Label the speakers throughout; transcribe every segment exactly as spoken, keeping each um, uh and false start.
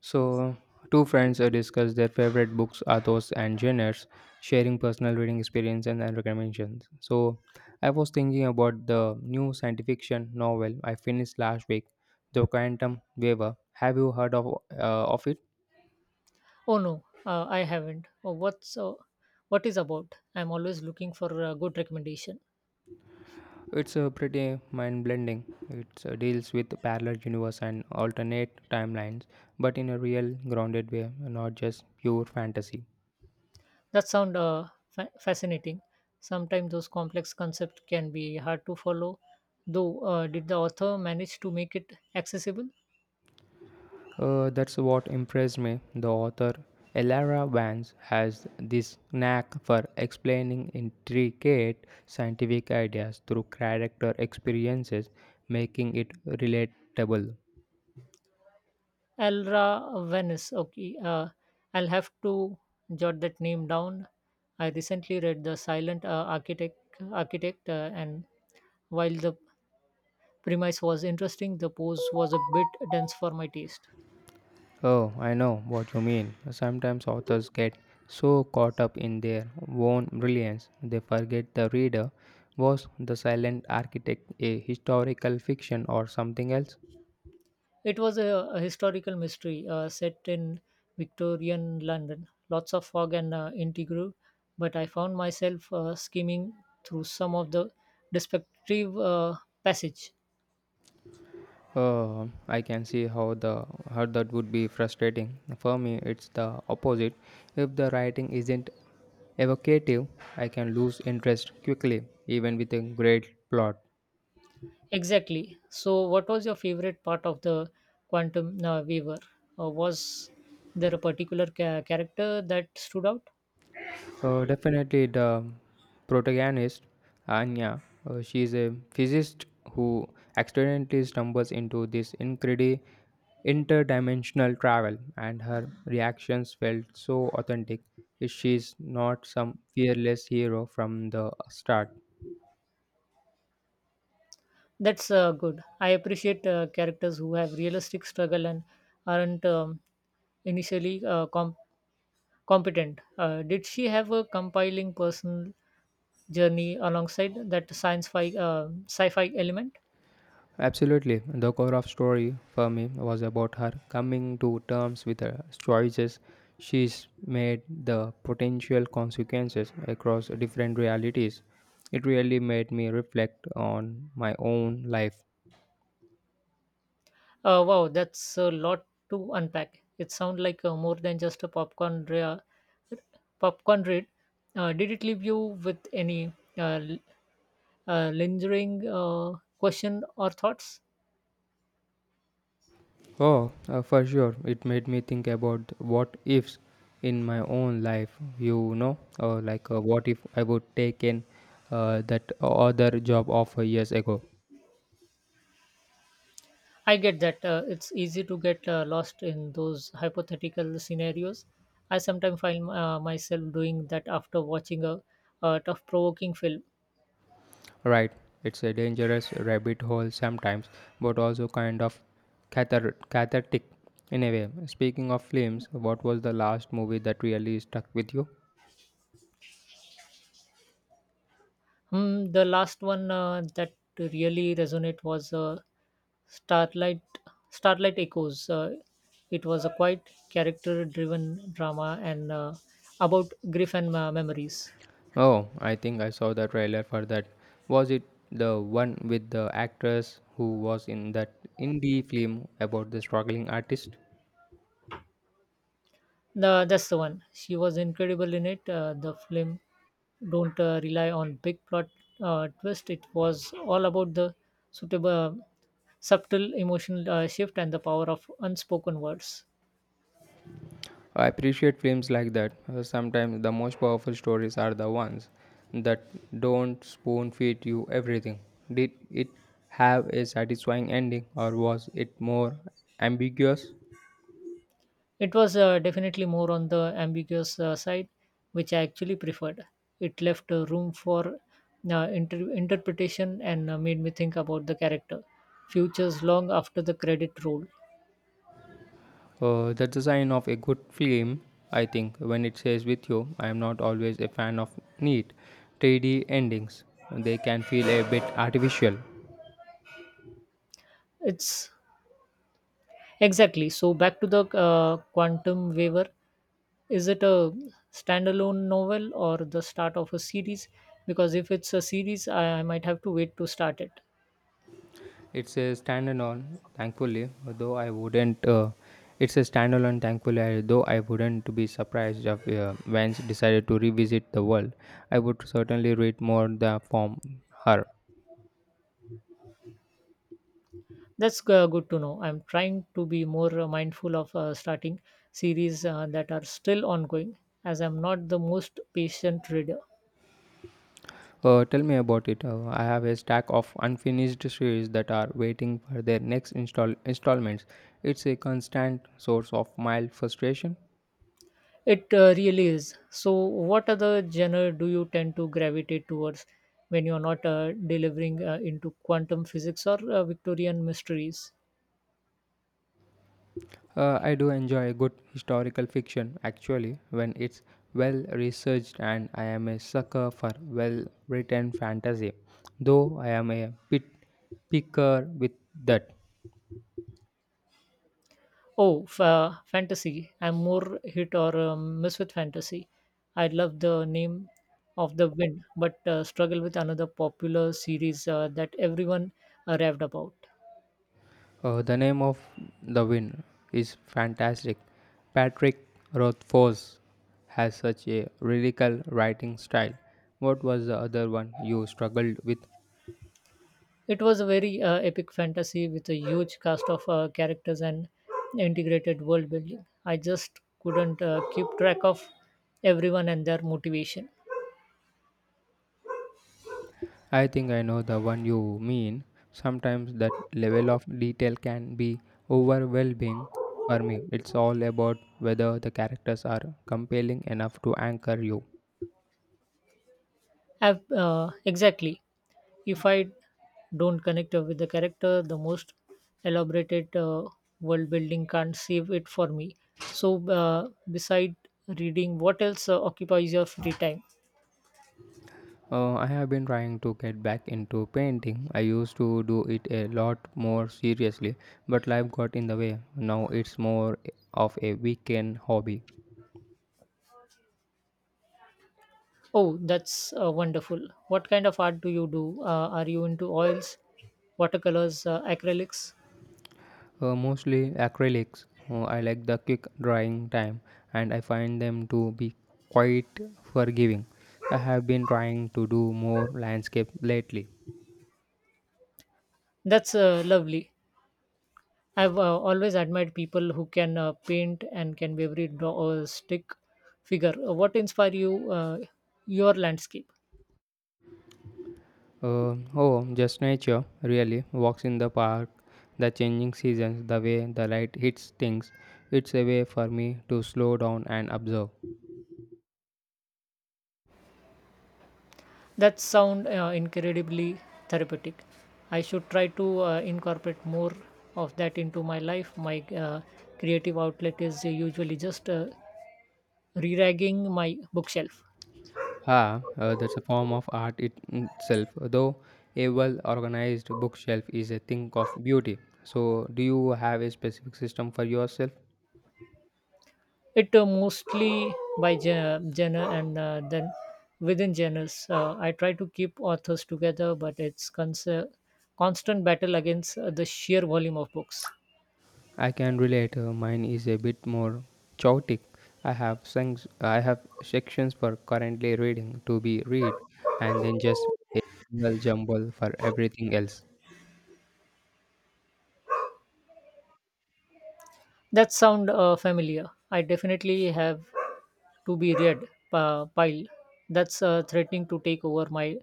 Speaker 1: So, two friends uh, discuss their favorite books, authors, and genres, sharing personal reading experience and and recommendations. So, I was thinking about the new science fiction novel I finished last week, The Quantum Waiver. Have you heard of uh, of it?
Speaker 2: Oh no, uh, I haven't. Oh, what's uh, what is about? I'm always looking for a good recommendation.
Speaker 1: It's uh, pretty mind-blending. It uh, deals with parallel universe and alternate timelines, but in a real, grounded way, not just pure fantasy.
Speaker 2: That sound uh, fa- fascinating. Sometimes those complex concepts can be hard to follow. Though, uh, did the author manage to make it accessible?
Speaker 1: Uh, that's what impressed me. The author Elara Vance has this knack for explaining intricate scientific ideas through character experiences, making it relatable.
Speaker 2: Elra Venice. Okay, uh, I'll have to jot that name down. I recently read The Silent uh, Architect, Architect, uh, and while the premise was interesting, the prose was a bit dense for my taste.
Speaker 1: Oh, I know what you mean. Sometimes authors get so caught up in their own brilliance they forget the reader was the silent architect a historical fiction or something else.
Speaker 2: It was a, a historical mystery uh, set in Victorian London. Lots of fog and uh, intrigue, but I found myself uh, skimming through some of the descriptive uh, passage.
Speaker 1: Uh, I can see how the how that would be frustrating. For me, it's the opposite. If the writing isn't evocative, I can lose interest quickly, even with a great plot.
Speaker 2: Exactly. So, what was your favorite part of the Quantum uh, Weaver? Uh, was there a particular ca- character that stood out?
Speaker 1: Uh, definitely the protagonist, Anya, uh, she is a physicist who accidentally stumbles into this incredible interdimensional travel, and her reactions felt so authentic. She's not some fearless hero from the start.
Speaker 2: That's uh, good. I appreciate uh, characters who have realistic struggle and aren't um, initially uh, com- competent. Uh, did she have a compiling personal journey alongside that science fi- uh, sci-fi element?
Speaker 1: Absolutely. The core of story for me was about her coming to terms with the choices she's made, the potential consequences across different realities. It really made me reflect on my own life.
Speaker 2: Uh, wow, that's a lot to unpack. It sounds like uh, more than just a popcorn rea- popcorn read. Uh, did it leave you with any uh, l- uh, lingering uh, question or thoughts?
Speaker 1: Oh, uh, for sure. It made me think about what ifs in my own life, you know, or like uh, what if I would taken uh, that other job offer years ago.
Speaker 2: I get that uh, it's easy to get uh, lost in those hypothetical scenarios. I sometimes find uh, myself doing that after watching a, a tough provoking film.
Speaker 1: Right, it's a dangerous rabbit hole sometimes, but also kind of cathar- cathartic in a way. Speaking of films, what was the last movie that really stuck with you?
Speaker 2: Hmm, the last one uh, that really resonated was uh, Starlight Starlight Echoes. Uh, it was a quite character driven drama and uh, about grief and uh, memories.
Speaker 1: Oh, I think I saw the trailer for that. Was it the one with the actress who was in that indie film about the struggling artist?
Speaker 2: The, that's the one. She was incredible in it. Uh, the film don't uh, rely on big plot uh, twist. It was all about the suitable, um, subtle emotional uh, shift and the power of unspoken words.
Speaker 1: I appreciate films like that. Uh, Sometimes the most powerful stories are the ones that don't spoon feed you everything. Did it have a satisfying ending or was it more ambiguous?
Speaker 2: It was uh, definitely more on the ambiguous uh, side, which I actually preferred. It left uh, room for uh, inter- interpretation and uh, made me think about the character futures long after the credit roll.
Speaker 1: Uh, that's a sign of a good film, I think, when it stays with you. I am not always a fan of neat, three D endings. They can feel a bit artificial.
Speaker 2: It's Exactly. So back to the uh, Quantum Waver. Is it a standalone novel or the start of a series? Because if it's a series, I, I might have to wait to start it.
Speaker 1: It's a standalone, thankfully, though I wouldn't. Uh, it's a standalone, thankfully, I- though I wouldn't be surprised if uh, Vance decided to revisit the world. I would certainly read more the from her.
Speaker 2: That's uh, good to know. I'm trying to be more uh, mindful of uh, starting series uh, that are still ongoing, as I'm not the most patient reader.
Speaker 1: Uh, tell me about it. Uh, I have a stack of unfinished series that are waiting for their next install installments. It's a constant source of mild frustration.
Speaker 2: It uh, really is. So, what other genre do you tend to gravitate towards when you're not uh, delivering uh, into quantum physics or uh, Victorian mysteries?
Speaker 1: Uh, I do enjoy good historical fiction actually when it's well researched, and I am a sucker for well written fantasy, though I am a bit picker with that.
Speaker 2: Oh, fa fantasy. I'm more hit or um, miss with fantasy. I love the name of the wind, but uh, struggle with another popular series uh, that everyone uh, raved about.
Speaker 1: Uh, the name of the wind is fantastic. Patrick Rothfuss has such a lyrical writing style. What was the other one you struggled with?
Speaker 2: It was a very uh, epic fantasy with a huge cast of uh, characters and integrated world building. I just couldn't uh, keep track of everyone and their motivation.
Speaker 1: I think I know the one you mean. Sometimes that level of detail can be overwhelming for me. It's all about whether the characters are compelling enough to anchor you.
Speaker 2: Ab- uh, exactly. If I don't connect with the character, the most elaborated uh, world building can't save it for me. So, uh, beside reading, what else uh, occupies your free time?
Speaker 1: Uh, I have been trying to get back into painting. I used to do it a lot more seriously, but life got in the way. Now it's more of a weekend hobby.
Speaker 2: Oh, that's uh, wonderful. What kind of art do you do? Uh, are you into oils, watercolors, uh, acrylics?
Speaker 1: Uh, mostly acrylics. Uh, I like the quick drying time and I find them to be quite forgiving. I have been trying to do more landscape lately.
Speaker 2: That's uh, lovely. I've uh, always admired people who can uh, paint and can be every draw or stick figure. Uh, What inspire you, uh, your landscape?
Speaker 1: Uh, oh, just nature, really. Walks in the park, the changing seasons, the way the light hits things. It's a way for me to slow down and observe.
Speaker 2: That sound uh, incredibly therapeutic. I should try to uh, incorporate more of that into my life. My uh, creative outlet is usually just uh, re-ragging my bookshelf.
Speaker 1: Ah, uh, that's a form of art it, itself, though a well organized bookshelf is a thing of beauty. So, do you have a specific system for yourself?
Speaker 2: It uh, mostly by gen- genre and uh, then within genres. Uh, I try to keep authors together, but it's cons- constant battle against uh, the sheer volume of books.
Speaker 1: I can relate. uh, mine is a bit more chaotic. I have things, I have sections for currently reading to be read, and then just a general jumble for everything else.
Speaker 2: That sound uh, familiar. I definitely have to be read uh, pile. That's uh, threatening to take over my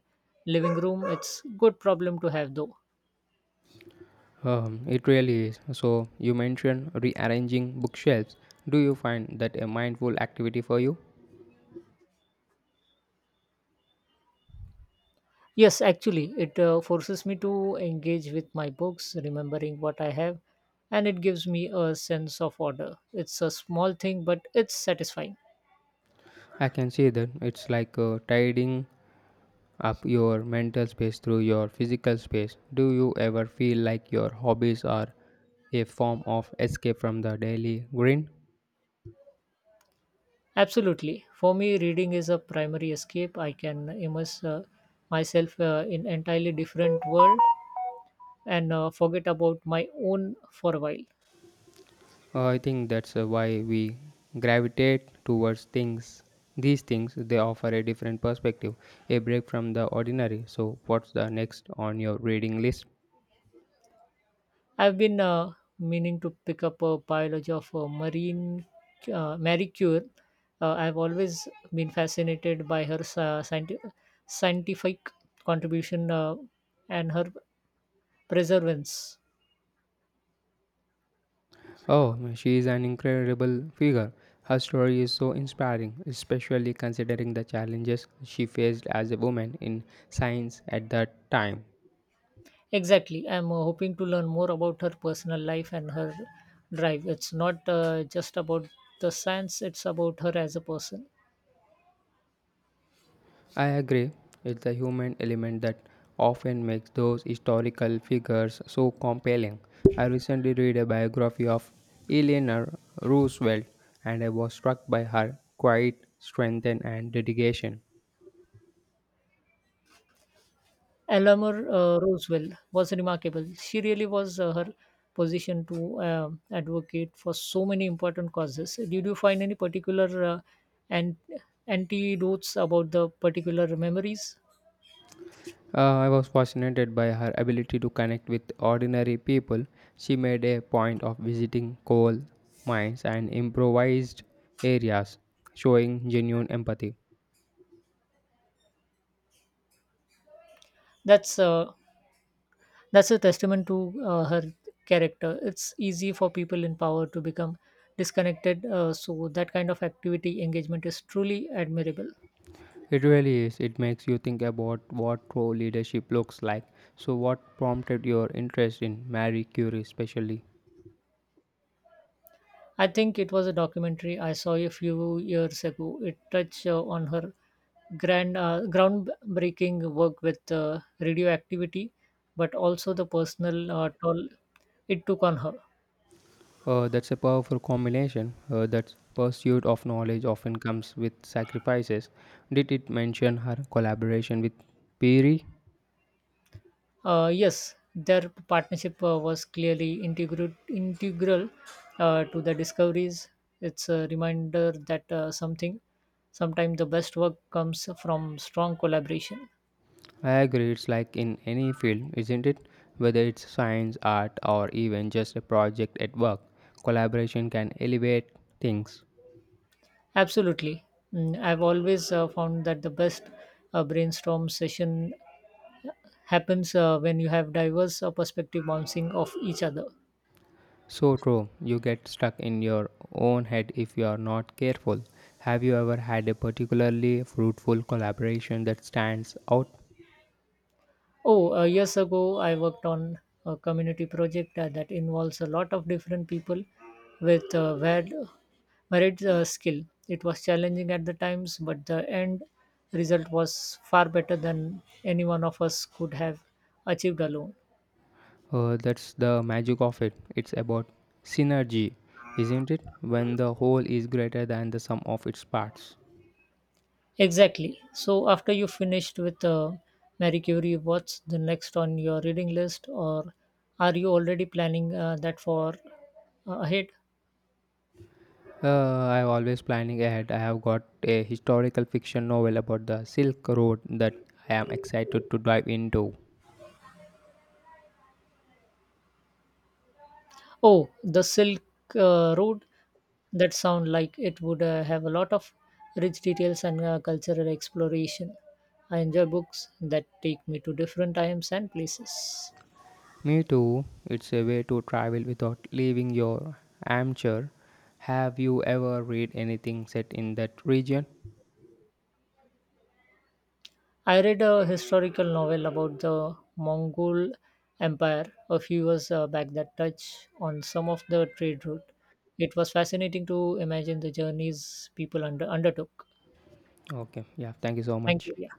Speaker 2: living room. It's good problem to have though.
Speaker 1: Um, it really is. So, you mentioned rearranging bookshelves. Do you find that a mindful activity for you?
Speaker 2: Yes, actually, it uh, forces me to engage with my books, remembering what I have, and it gives me a sense of order. It's a small thing, but it's satisfying.
Speaker 1: I can see that it's like uh, tidying up your mental space through your physical space. Do you ever feel like your hobbies are a form of escape from the daily grind?
Speaker 2: Absolutely. For me, reading is a primary escape. I can immerse uh, myself uh, in entirely different world and uh, forget about my own for a while.
Speaker 1: Uh, I think that's uh, why we gravitate towards things. These things they offer a different perspective, a break from the ordinary. So, what's the next on your reading list?
Speaker 2: I've been uh, meaning to pick up a biology of uh, marine uh, Marie Curie. Uh, I've always been fascinated by her uh, scienti- scientific contribution uh, and her perseverance.
Speaker 1: Oh, she is an incredible figure. Her story is so inspiring, especially considering the challenges she faced as a woman in science at that time.
Speaker 2: Exactly. I'm uh, hoping to learn more about her personal life and her drive. It's not uh, just about the science, it's about her as a person.
Speaker 1: I agree, it's the human element that often makes those historical figures so compelling. I recently read a biography of Eleanor Roosevelt and I was struck by her quiet strength and dedication.
Speaker 2: Eleanor uh, Roosevelt was remarkable. She really was uh, her position to um advocate for so many important causes. Did you find any particular uh, and antidotes about the particular memories?
Speaker 1: Uh, I was fascinated by her ability to connect with ordinary people. She made a point of visiting coal mines and improvised areas, showing genuine empathy.
Speaker 2: That's uh, that's a testament to uh, her character. It's easy for people in power to become disconnected. Uh, so that kind of activity engagement is truly admirable.
Speaker 1: It really is. It makes you think about what true leadership looks like. So, what prompted your interest in Marie Curie, especially?
Speaker 2: I think it was a documentary I saw a few years ago. It touched uh, on her grand, uh, groundbreaking work with uh, radioactivity, but also the personal uh, toll it took on her.
Speaker 1: Uh, that's a powerful combination. Uh, that pursuit of knowledge often comes with sacrifices. Did it mention her collaboration with Peary?
Speaker 2: Uh, yes, their partnership uh, was clearly integral, integral uh, to the discoveries. It's a reminder that uh, something, sometimes the best work comes from strong collaboration.
Speaker 1: I agree, it's like in any field, isn't it? Whether it's science, art, or even just a project at work, collaboration can elevate things.
Speaker 2: Absolutely. Mm, I've always uh, found that the best uh, brainstorm session happens uh, when you have diverse uh, perspective bouncing off each other.
Speaker 1: So true, you get stuck in your own head if you are not careful. Have you ever had a particularly fruitful collaboration that stands out?
Speaker 2: Oh, uh, years ago, I worked on a community project uh, that involves a lot of different people with uh, varied, varied uh, skill. It was challenging at the times, but the end result was far better than any one of us could have achieved alone.
Speaker 1: Uh, that's the magic of it. It's about synergy, isn't it? When the whole is greater than the sum of its parts.
Speaker 2: Exactly. So, after you finished with uh, Marie Curie, what's the next on your reading list, or are you already planning uh, that for uh, ahead?
Speaker 1: Uh, I'm always planning ahead. I have got a historical fiction novel about the Silk Road that I am excited to dive into.
Speaker 2: Oh, The Silk uh, Road. That sound like it would uh, have a lot of rich details and uh, cultural exploration. I enjoy books that take me to different times and places.
Speaker 1: Me too. It's a way to travel without leaving your armchair. Have you ever read anything set in that region?
Speaker 2: I read a historical novel about the Mongol Empire a few years uh, back that touched on some of the trade route. It was fascinating to imagine the journeys people under, undertook.
Speaker 1: Okay, yeah, thank you so
Speaker 2: Thank
Speaker 1: much.
Speaker 2: you. Yeah.